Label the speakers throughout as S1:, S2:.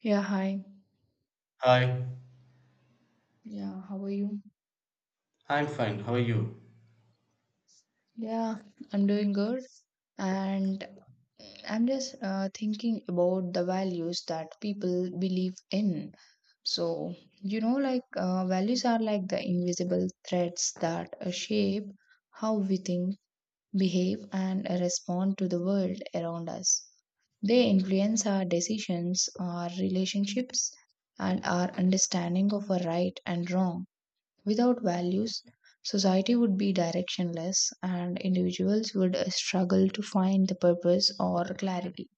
S1: Yeah, hi.
S2: Hi,
S1: Yeah, how are you?
S2: I'm fine. How are you?
S1: Yeah, I'm doing good. And I'm just thinking about the values that people believe in. So, you know, like values are like the invisible threads that shape how we think, behave, and respond to the world around us. They influence our decisions, our relationships, and our understanding of a right and wrong. Without values, society would be directionless and individuals would struggle to find the purpose or clarity.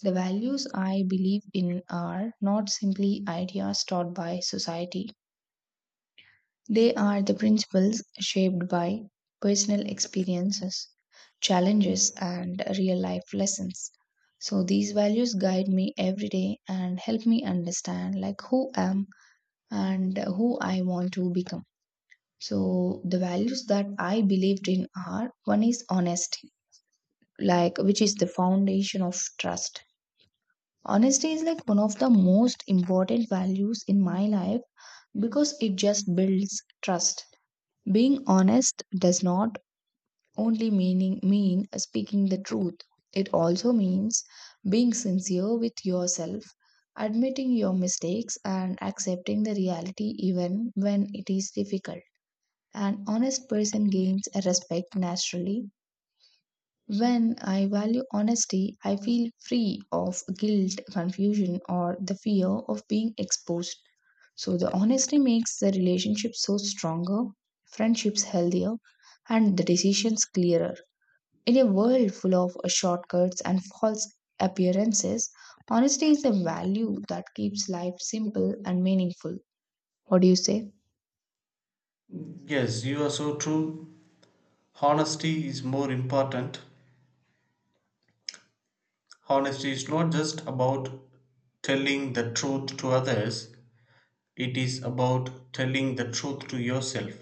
S1: The values I believe in are not simply ideas taught by society, they are the principles shaped by personal experiences, challenges, and real life lessons. So these values guide me every day and help me understand like who I am and who I want to become. So the values that I believed in are one is honesty, like which is the foundation of trust. Honesty is like one of the most important values in my life because it just builds trust. Being honest does not only mean speaking the truth. It also means being sincere with yourself, admitting your mistakes and accepting the reality even when it is difficult. An honest person gains a respect naturally. When I value honesty, I feel free of guilt, confusion, or the fear of being exposed. So, the honesty makes the relationship so stronger, friendships healthier, and the decisions clearer. In a world full of shortcuts and false appearances, honesty is a value that keeps life simple and meaningful. What do you say?
S2: Yes, you are so true. Honesty is more important. Honesty is not just about telling the truth to others, it is about telling the truth to yourself.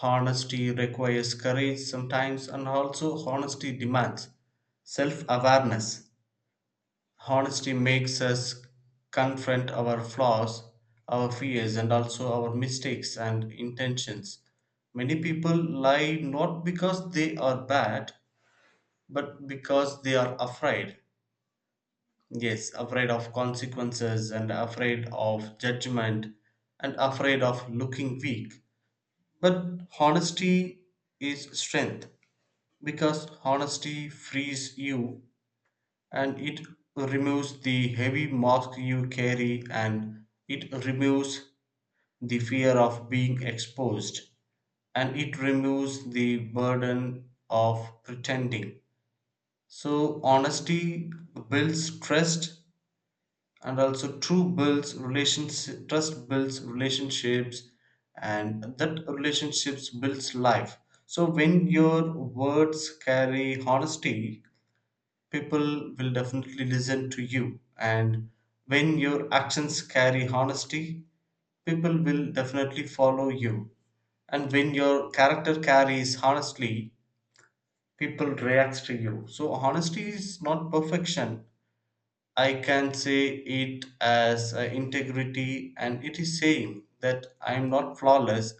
S2: Honesty requires courage sometimes, and also, honesty demands self awareness. Honesty makes us confront our flaws, our fears, and also our mistakes and intentions. Many people lie not because they are bad, but because they are afraid. Yes, afraid of consequences and afraid of judgment and afraid of looking weak. But honesty is strength because honesty frees you and it removes the heavy mask you carry and it removes the fear of being exposed and it removes the burden of pretending, so honesty builds trust, and also true builds relations, trust builds relationships, and that relationships builds life. So when your words carry honesty, people will definitely listen to you, and when your actions carry honesty, people will definitely follow you, and when your character carries honestly, people react to you. So honesty is not perfection. I can say it as integrity, and it is saying that I am not flawless,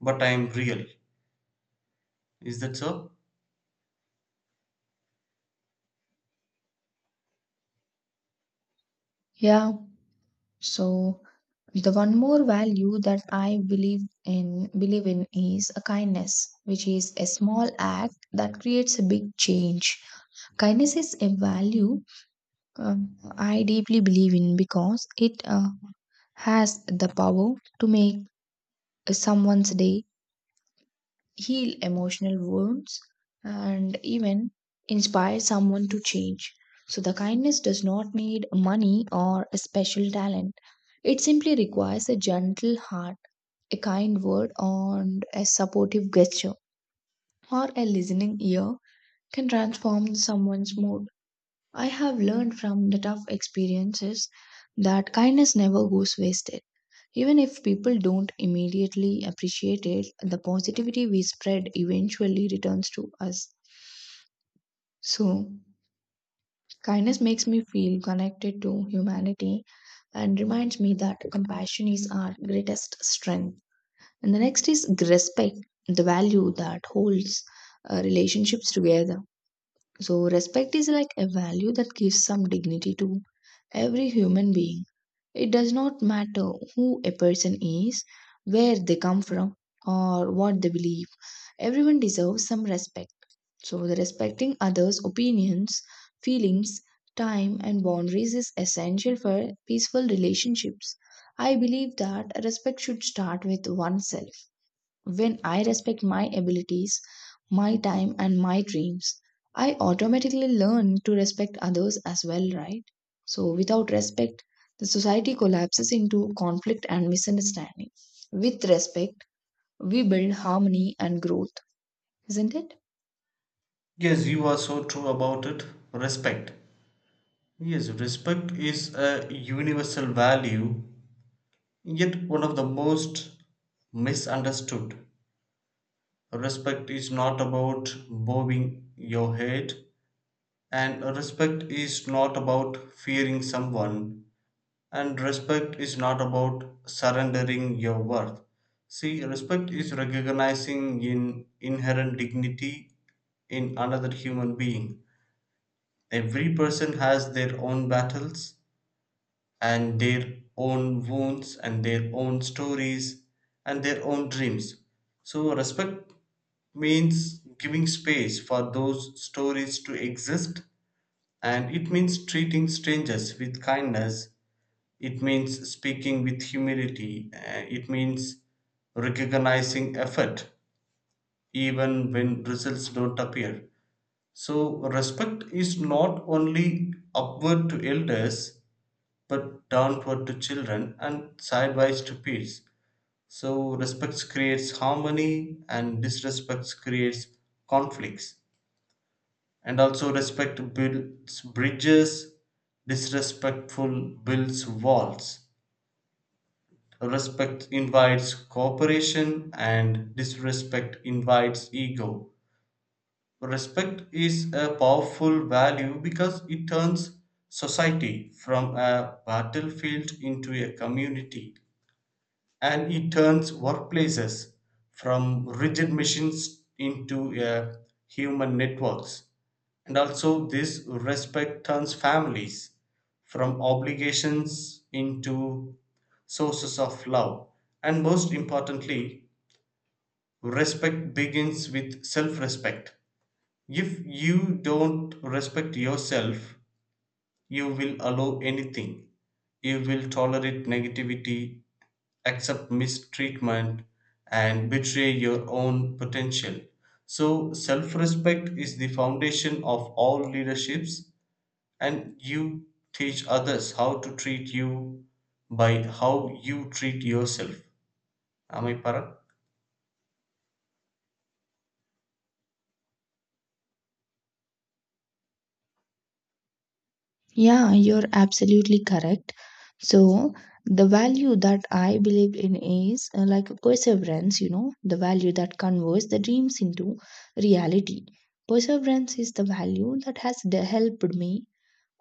S2: but I am real. Is that so?
S1: Yeah. So the one more value that I believe in is a kindness, which is a small act that creates a big change. Kindness is a value I deeply believe in because it has the power to make someone's day heal emotional wounds, and even inspire someone to change. So, the kindness does not need money or a special talent. It simply requires a gentle heart, a kind word, and a supportive gesture, or a listening ear can transform someone's mood. I have learned from the tough experiences that kindness never goes wasted. Even if people don't immediately appreciate it, the positivity we spread eventually returns to us. So, kindness makes me feel connected to humanity and reminds me that compassion is our greatest strength. And the next is respect, the value that holds relationships together. So, respect is like a value that gives some dignity to every human being. It does not matter who a person is, where they come from, or what they believe. Everyone deserves some respect. So, the respecting others' opinions, feelings, time, and boundaries is essential for peaceful relationships. I believe that respect should start with oneself. When I respect my abilities, my time, and my dreams, I automatically learn to respect others as well, right? So, without respect, the society collapses into conflict and misunderstanding. With respect, we build harmony and growth, isn't it?
S2: Yes, you are so true about it. Respect. Yes, respect is a universal value, yet one of the most misunderstood. Respect is not about bowing your head, and respect is not about fearing someone, and respect is not about surrendering your worth. See, respect is recognizing in inherent dignity in another human being. Every person has their own battles, and their own wounds and their own stories and their own dreams. So, respect means giving space for those stories to exist, and it means treating strangers with kindness, it means speaking with humility. It means recognizing effort even when results don't appear. So, respect is not only upward to elders, but downward to children and sideways to peers. So respect creates harmony, and disrespect creates conflicts. And also respect builds bridges, disrespectful builds walls. Respect invites cooperation, and disrespect invites ego. Respect is a powerful value because it turns society from a battlefield into a community, and it turns workplaces from rigid machines into a human networks, and also this respect turns families from obligations into sources of love. And most importantly, respect begins with self respect. If you don't respect yourself, you will allow anything, you will tolerate negativity, accept mistreatment, and betray your own potential. So, self respect is the foundation of all leaderships, and you teach others how to treat you by how you treat yourself. Am I para?
S1: Yeah, you're absolutely correct. So, the value that I believe in is like perseverance, you know, the value that converts the dreams into reality. Perseverance is the value that has helped me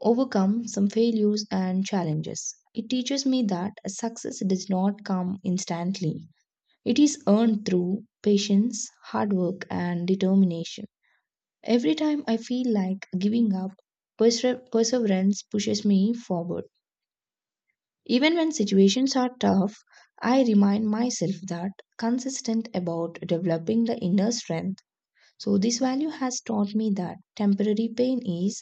S1: overcome some failures and challenges. It teaches me that success does not come instantly, it is earned through patience, hard work, and determination. Every time I feel like giving up, perseverance pushes me forward. Even when situations are tough, I remind myself that consistent about developing the inner strength. So this value has taught me that temporary pain is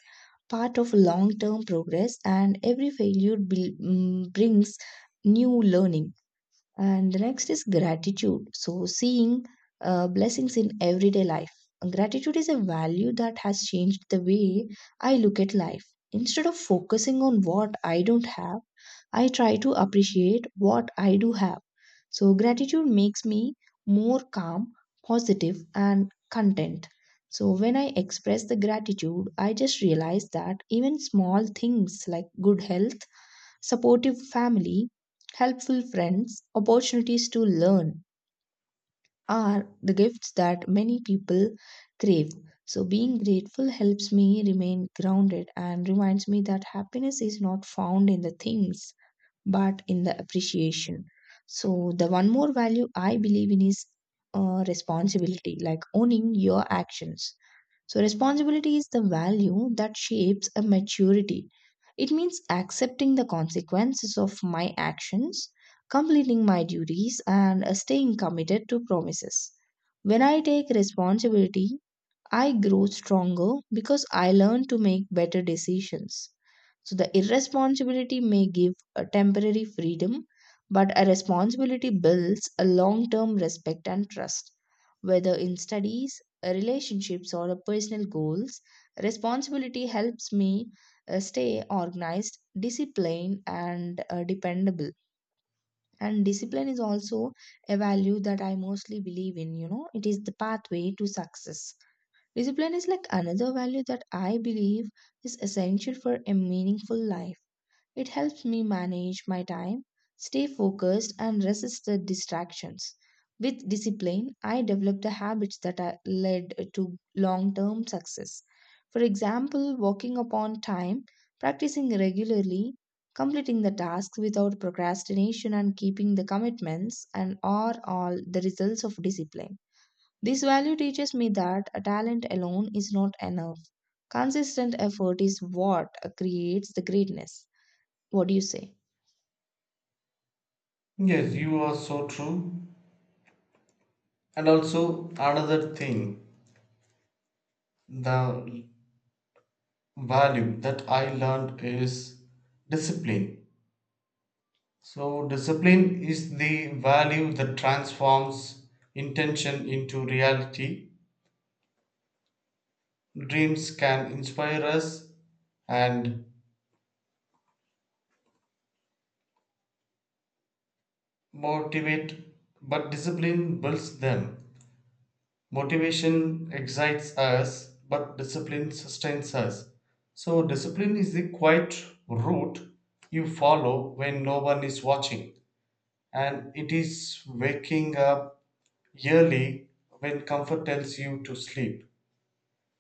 S1: part of long-term progress and every failure brings new learning. And the next is gratitude. So, seeing blessings in everyday life. Gratitude is a value that has changed the way I look at life. Instead of focusing on what I don't have, I try to appreciate what I do have. So, gratitude makes me more calm, positive, and content. So, when I express the gratitude, I just realize that even small things like good health, supportive family, helpful friends, opportunities to learn are the gifts that many people crave. So, being grateful helps me remain grounded and reminds me that happiness is not found in the things but in the appreciation. So, the one more value I believe in is responsibility, like owning your actions. So, responsibility is the value that shapes a maturity. It means accepting the consequences of my actions, completing my duties, and staying committed to promises. When I take responsibility, I grow stronger because I learn to make better decisions. So the irresponsibility may give a temporary freedom, but a responsibility builds a long term respect and trust. Whether in studies, relationships, or personal goals, responsibility helps me stay organized, disciplined, and dependable. And discipline is also a value that I mostly believe in, you know, it is the pathway to success. Discipline is like another value that I believe is essential for a meaningful life. It helps me manage my time, stay focused, and resist the distractions. With discipline, I develop the habits that are led to long term success. For example, working upon time, practicing regularly, completing the tasks without procrastination, and keeping the commitments, and are all the results of discipline. This value teaches me that a talent alone is not enough. Consistent effort is what creates the greatness. What do you say?
S2: Yes, you are so true. And also, another thing, the value that I learned is discipline. So, discipline is the value that transforms intention into reality. Dreams can inspire us and motivate, but discipline builds them. Motivation excites us, but discipline sustains us. So, discipline is the quiet route you follow when no one is watching, and it is waking up early when comfort tells you to sleep.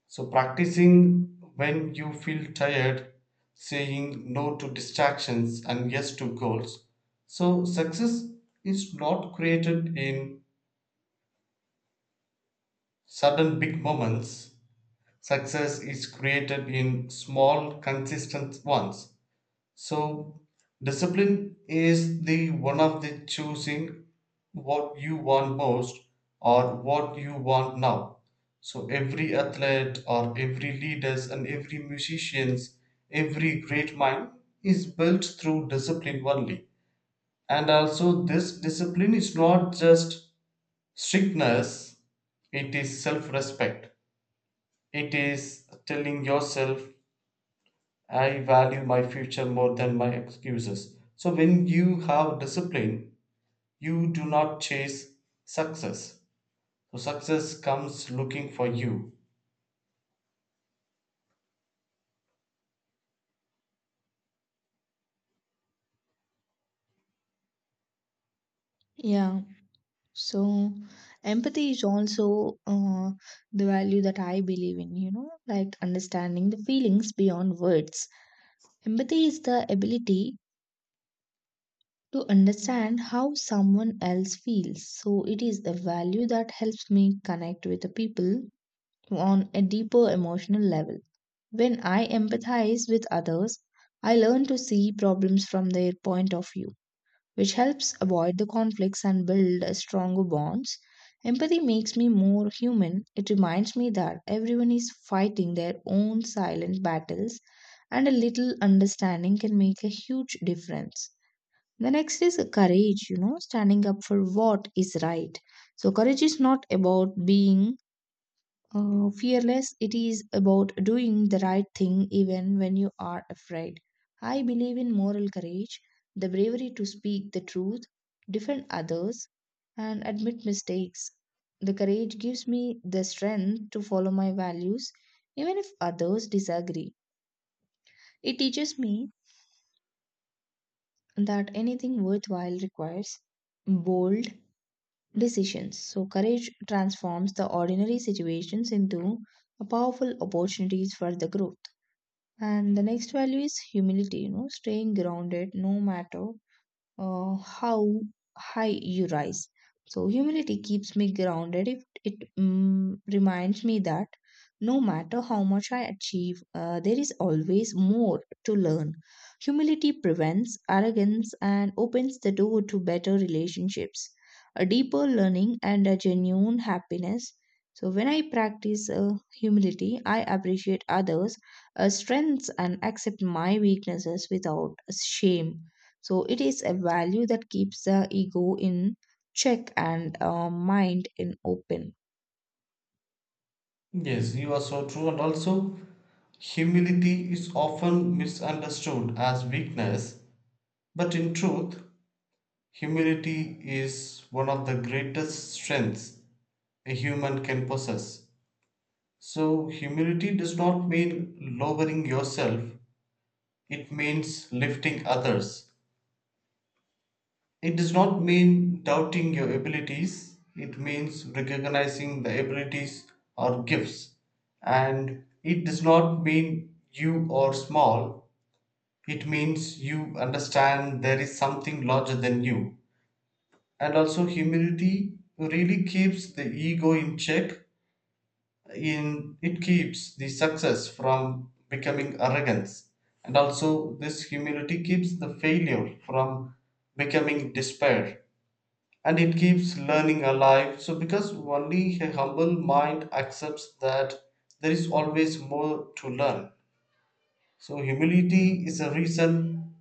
S2: So, practicing when you feel tired, saying no to distractions and yes to goals. So, success is not created in sudden big moments, success is created in small, consistent ones. So discipline is the one of the choosing what you want most or what you want now. So every athlete or every leaders and every musicians, every great mind is built through discipline only. And also this discipline is not just strictness, it is self-respect. It is telling yourself I value my future more than my excuses. So when you have discipline, you do not chase success. So success comes looking for you.
S1: Yeah. So, empathy is also the value that I believe in, you know, like understanding the feelings beyond words. Empathy is the ability to understand how someone else feels. So, it is the value that helps me connect with the people on a deeper emotional level. When I empathize with others, I learn to see problems from their point of view, which helps avoid the conflicts and build a stronger bonds. Empathy makes me more human. It reminds me that everyone is fighting their own silent battles, and a little understanding can make a huge difference. The next is courage, you know, standing up for what is right. So, courage is not about being fearless, it is about doing the right thing even when you are afraid. I believe in moral courage, the bravery to speak the truth, defend others, and admit mistakes. The courage gives me the strength to follow my values even if others disagree. It teaches me that anything worthwhile requires bold decisions. So, courage transforms the ordinary situations into powerful opportunities for the growth. And the next value is humility, you know, staying grounded no matter how high you rise. So, humility keeps me grounded. If it mm, reminds me that no matter how much I achieve, there is always more to learn. Humility prevents arrogance and opens the door to better relationships, a deeper learning, and a genuine happiness. So, when I practice humility, I appreciate others' strengths and accept my weaknesses without shame. So it is a value that keeps the ego in check and mind in open.
S2: Yes, you are so true. And also, humility is often misunderstood as weakness, but in truth, humility is one of the greatest strengths a human can possess. So, humility does not mean lowering yourself, it means lifting others. It does not mean doubting your abilities, it means recognizing the abilities or gifts. And it does not mean you are small, it means you understand there is something larger than you. And also, humility really keeps the ego in check, in, it keeps the success from becoming arrogance. And also, this humility keeps the failure from becoming despair, and it keeps learning alive. So, because only a humble mind accepts that there is always more to learn. So, humility is a reason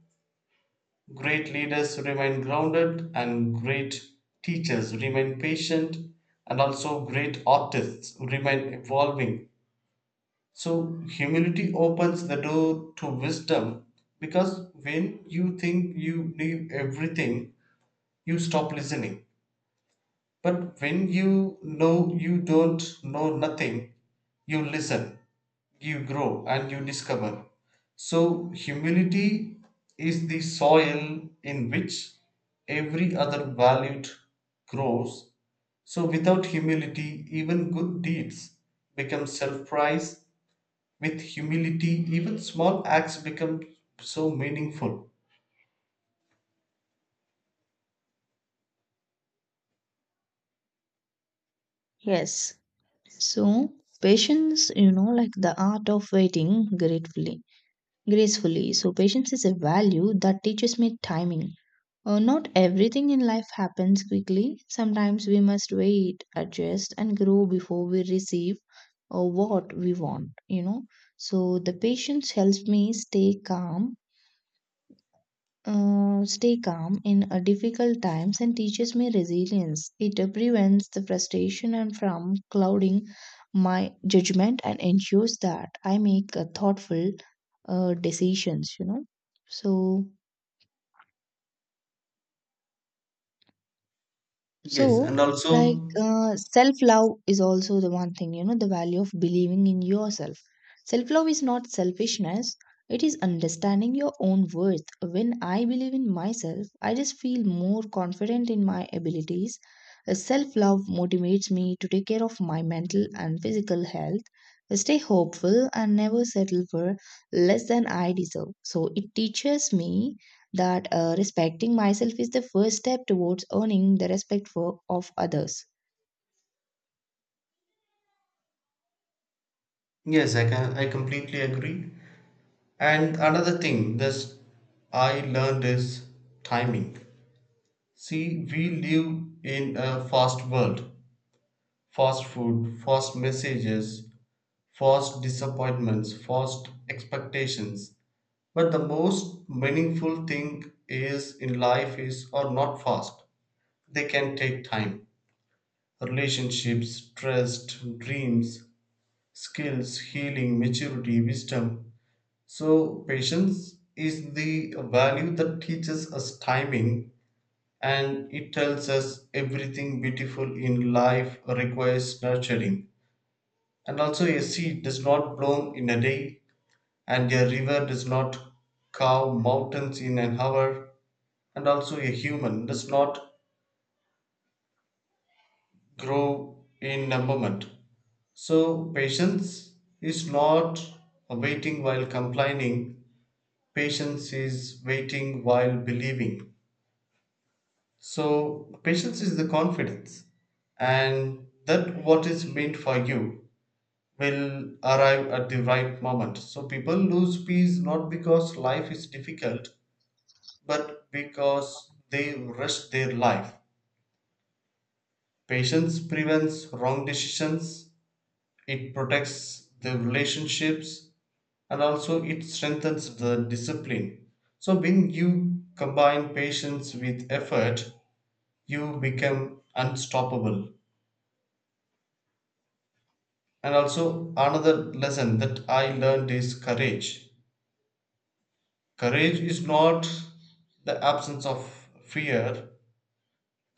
S2: great leaders remain grounded and great teachers remain patient and also great artists remain evolving. So, humility opens the door to wisdom because when you think you knew everything, you stop listening. But when you know you don't know nothing, you listen, you grow, and you discover. So, humility is the soil in which every other value grows. So, without humility, even good deeds become self prize. With humility, even small acts become so meaningful.
S1: Yes. So patience, you know, like the art of gracefully. So patience is a value that teaches me timing. Not everything in life happens quickly. Sometimes we must wait, adjust, and grow before we receive what we want. You know. So the patience helps me stay calm in difficult times and teaches me resilience. It prevents the frustration and from clouding my judgment and ensures that I make thoughtful decisions, you know. So,
S2: Yes,
S1: So,
S2: and
S1: like,
S2: also,
S1: self love is also the one thing, you know, the value of believing in yourself. Self love is not selfishness, it is understanding your own worth. When I believe in myself, I just feel more confident in my abilities. Self love motivates me to take care of my mental and physical health, stay hopeful, and never settle for less than I deserve. So, it teaches me that respecting myself is the first step towards earning the respect for, of others.
S2: yes, I can, I completely agree. And another thing that I learned is timing. See, we live in a fast world, fast food, fast messages, fast disappointments, fast expectations. But the most meaningful thing is in life is or not fast. They can take time. Relationships, trust, dreams, skills, healing, maturity, wisdom. So, patience is the value that teaches us timing, and it tells us everything beautiful in life requires nurturing. And also, a seed does not bloom in a day, and a river does not carve mountains in an hour, and also, a human does not grow in a moment. So, patience is not waiting while complaining, patience is waiting while believing. So, patience is the confidence, and that what is meant for you will arrive at the right moment. So, people lose peace not because life is difficult, but because they rush their life. Patience prevents wrong decisions, it protects the relationships, and also it strengthens the discipline. So, when you combine patience with effort, you become unstoppable. And also, another lesson that I learned is courage. Courage is not the absence of fear,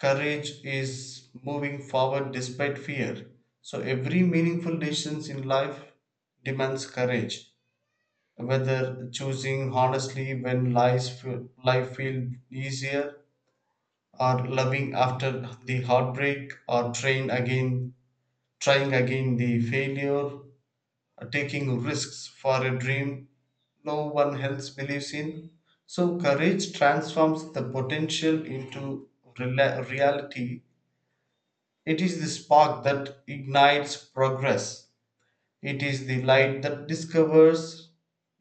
S2: courage is moving forward despite fear. So, every meaningful decision in life demands courage. Whether choosing honestly when life feels easier, or loving after the heartbreak, or trying again the failure, taking risks for a dream no one else believes in. So, courage transforms the potential into reality. It is the spark that ignites progress. It is the light that discovers,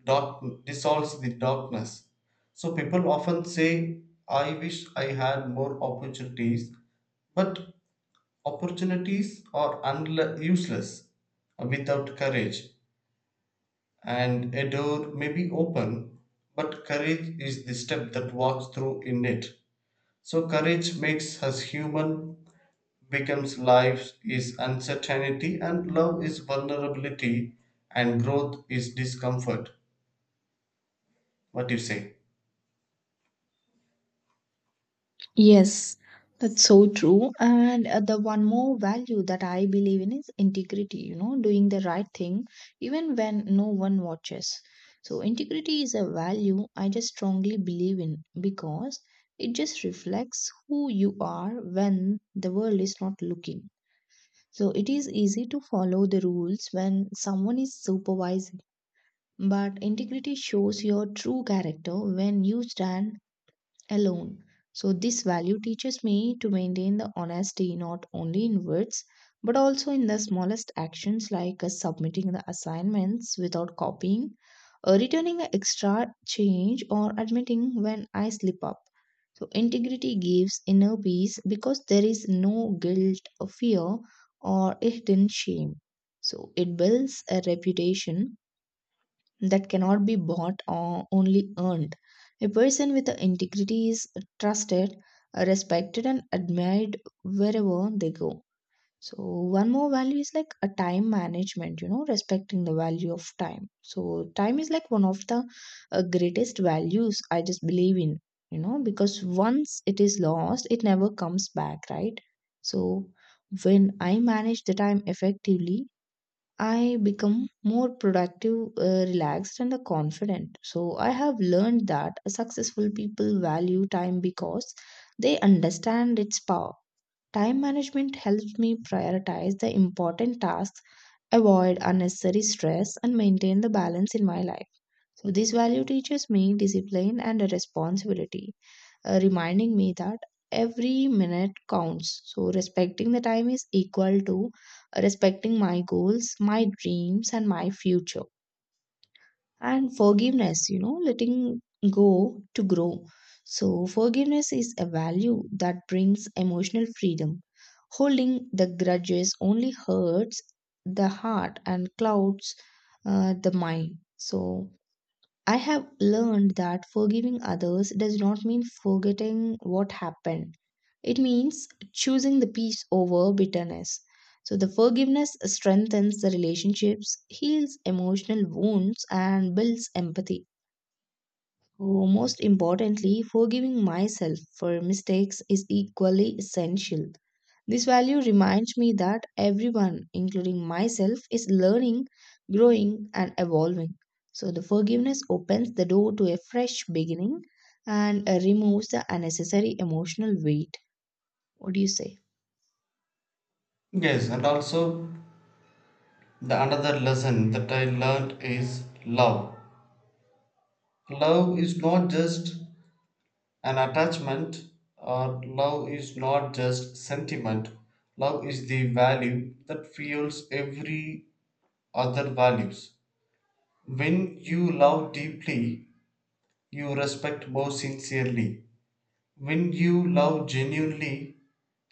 S2: dark, dissolves the darkness. So, people often say, I wish I had more opportunities, but opportunities are useless without courage, and a door may be open, but courage is the step that walks through in it. So, courage makes us human, becomes life is uncertainty, and love is vulnerability, and growth is discomfort. What do you say?
S1: Yes, that's so true. And the one more value that I believe in is integrity, you know, doing the right thing even when no one watches. So, integrity is a value I just strongly believe in because it just reflects who you are when the world is not looking. So, it is easy to follow the rules when someone is supervising but integrity shows your true character when you stand alone. So, this value teaches me to maintain the honesty not only in words but also in the smallest actions like submitting the assignments without copying, returning an extra change, or admitting when I slip up. So, integrity gives inner peace because there is no guilt, or fear, or hidden shame. So, it builds a reputation that cannot be bought or only earned. A person with integrity is trusted, respected, and admired wherever they go. So, one more value is like a time management, you know, respecting the value of time. So, time is like one of the greatest values I just believe in, you know, because once it is lost, it never comes back, right? So, when I manage the time effectively, I become more productive, relaxed, and confident. So, I have learned that successful people value time because they understand its power. Time management helps me prioritize the important tasks, avoid unnecessary stress, and maintain the balance in my life. So, this value teaches me discipline and responsibility, reminding me that every minute counts. So, respecting the time is equal to respecting my goals, my dreams, and my future. And forgiveness, you know, letting go to grow. So, forgiveness is a value that brings emotional freedom. Holding the grudges only hurts the heart and clouds, the mind. So, I have learned that forgiving others does not mean forgetting what happened. It means choosing the peace over bitterness. So, the forgiveness strengthens the relationships, heals emotional wounds, and builds empathy. Oh, most importantly, forgiving myself for mistakes is equally essential. This value reminds me that everyone, including myself, is learning, growing, and evolving. So, the forgiveness opens the door to a fresh beginning and removes the unnecessary emotional weight. What do you say?
S2: Yes, and also the another lesson that I learned is love. Love is not just an attachment or love is not just sentiment, love is the value that fuels every other values. When you love deeply, you respect more sincerely. When you love genuinely,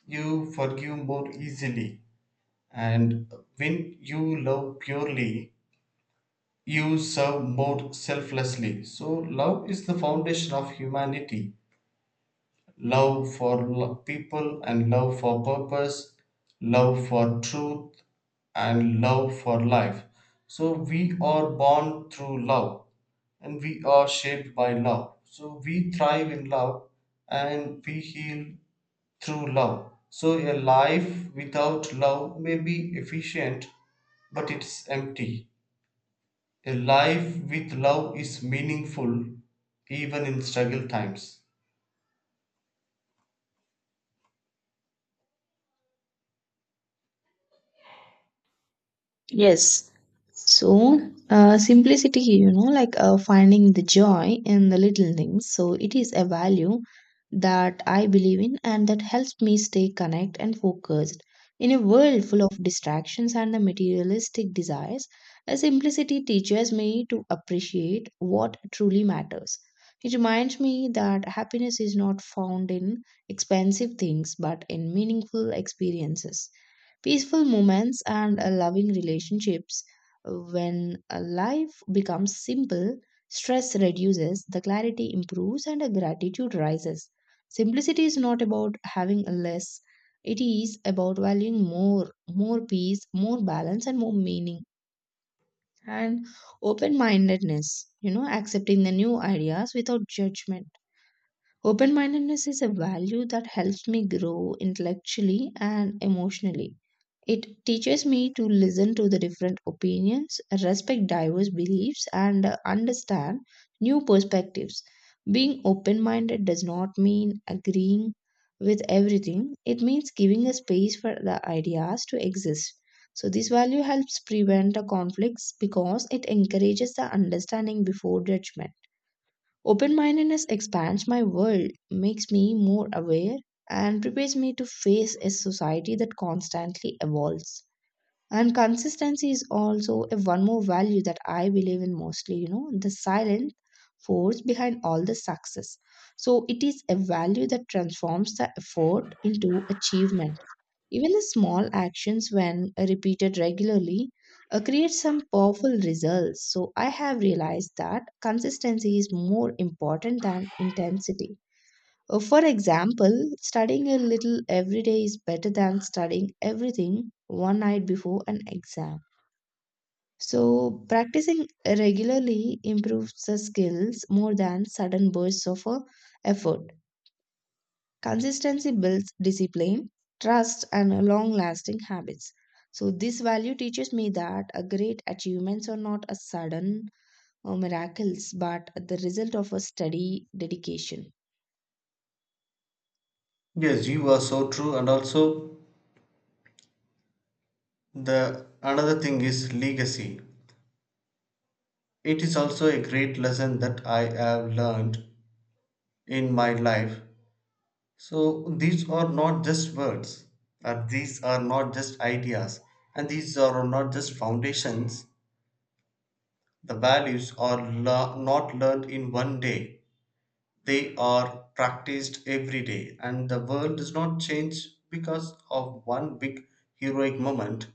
S2: you forgive more easily. And when you love purely, you serve more selflessly. So, love is the foundation of humanity, love for people and love for purpose, love for truth and love for life. So we are born through love and we are shaped by love. So we thrive in love and we heal through love. So a life without love may be efficient, but it's empty. A life with love is meaningful even in struggle times.
S1: Yes. So, simplicity, you know, like finding the joy in the little things. So, it is a value that I believe in and that helps me stay connected and focused. In a world full of distractions and the materialistic desires, a simplicity teaches me to appreciate what truly matters. It reminds me that happiness is not found in expensive things but in meaningful experiences, peaceful moments, and loving relationships. When a life becomes simple, stress reduces, the clarity improves, and a gratitude rises. Simplicity is not about having less, it is about valuing more, more peace, more balance, and more meaning. And open mindedness, you know, accepting the new ideas without judgment. Open mindedness is a value that helps me grow intellectually and emotionally. It teaches me to listen to the different opinions, respect diverse beliefs, and understand new perspectives. Being open minded does not mean agreeing with everything, it means giving a space for the ideas to exist. So, this value helps prevent the conflicts because it encourages the understanding before judgment. Open mindedness expands my world, makes me more aware, and prepares me to face a society that constantly evolves. And consistency is also a one more value that I believe in mostly, you know, the silent force behind all the success. So it is a value that transforms the effort into achievement, even the small actions, when repeated regularly, create some powerful results. So I have realized that consistency is more important than intensity. For example, studying a little every day is better than studying everything one night before an exam. So, practicing regularly improves the skills more than sudden bursts of effort. Consistency builds discipline, trust, and long lasting habits. So, this value teaches me that great achievements are not a sudden miracles but the result of a steady dedication.
S2: Yes, you are so true, and also the another thing is legacy. It is also a great lesson that I have learned in my life. So these are not just words, or these are not just ideas, and these are not just foundations. The values are not learned in one day; they are practiced every day, and the world does not change because of one big heroic moment.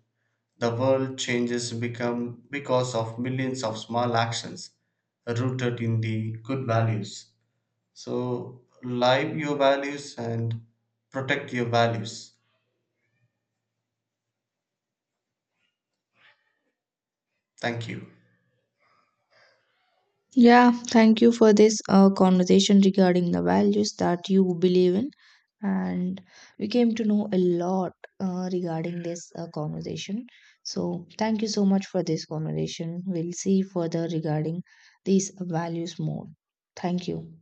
S2: The world changes become because of millions of small actions rooted in the good values. So live your values and protect your values. Thank you.
S1: Yeah, thank you for this conversation regarding the values that you believe in. And we came to know a lot regarding this conversation. So, thank you so much for this conversation. We'll see further regarding these values more. Thank you.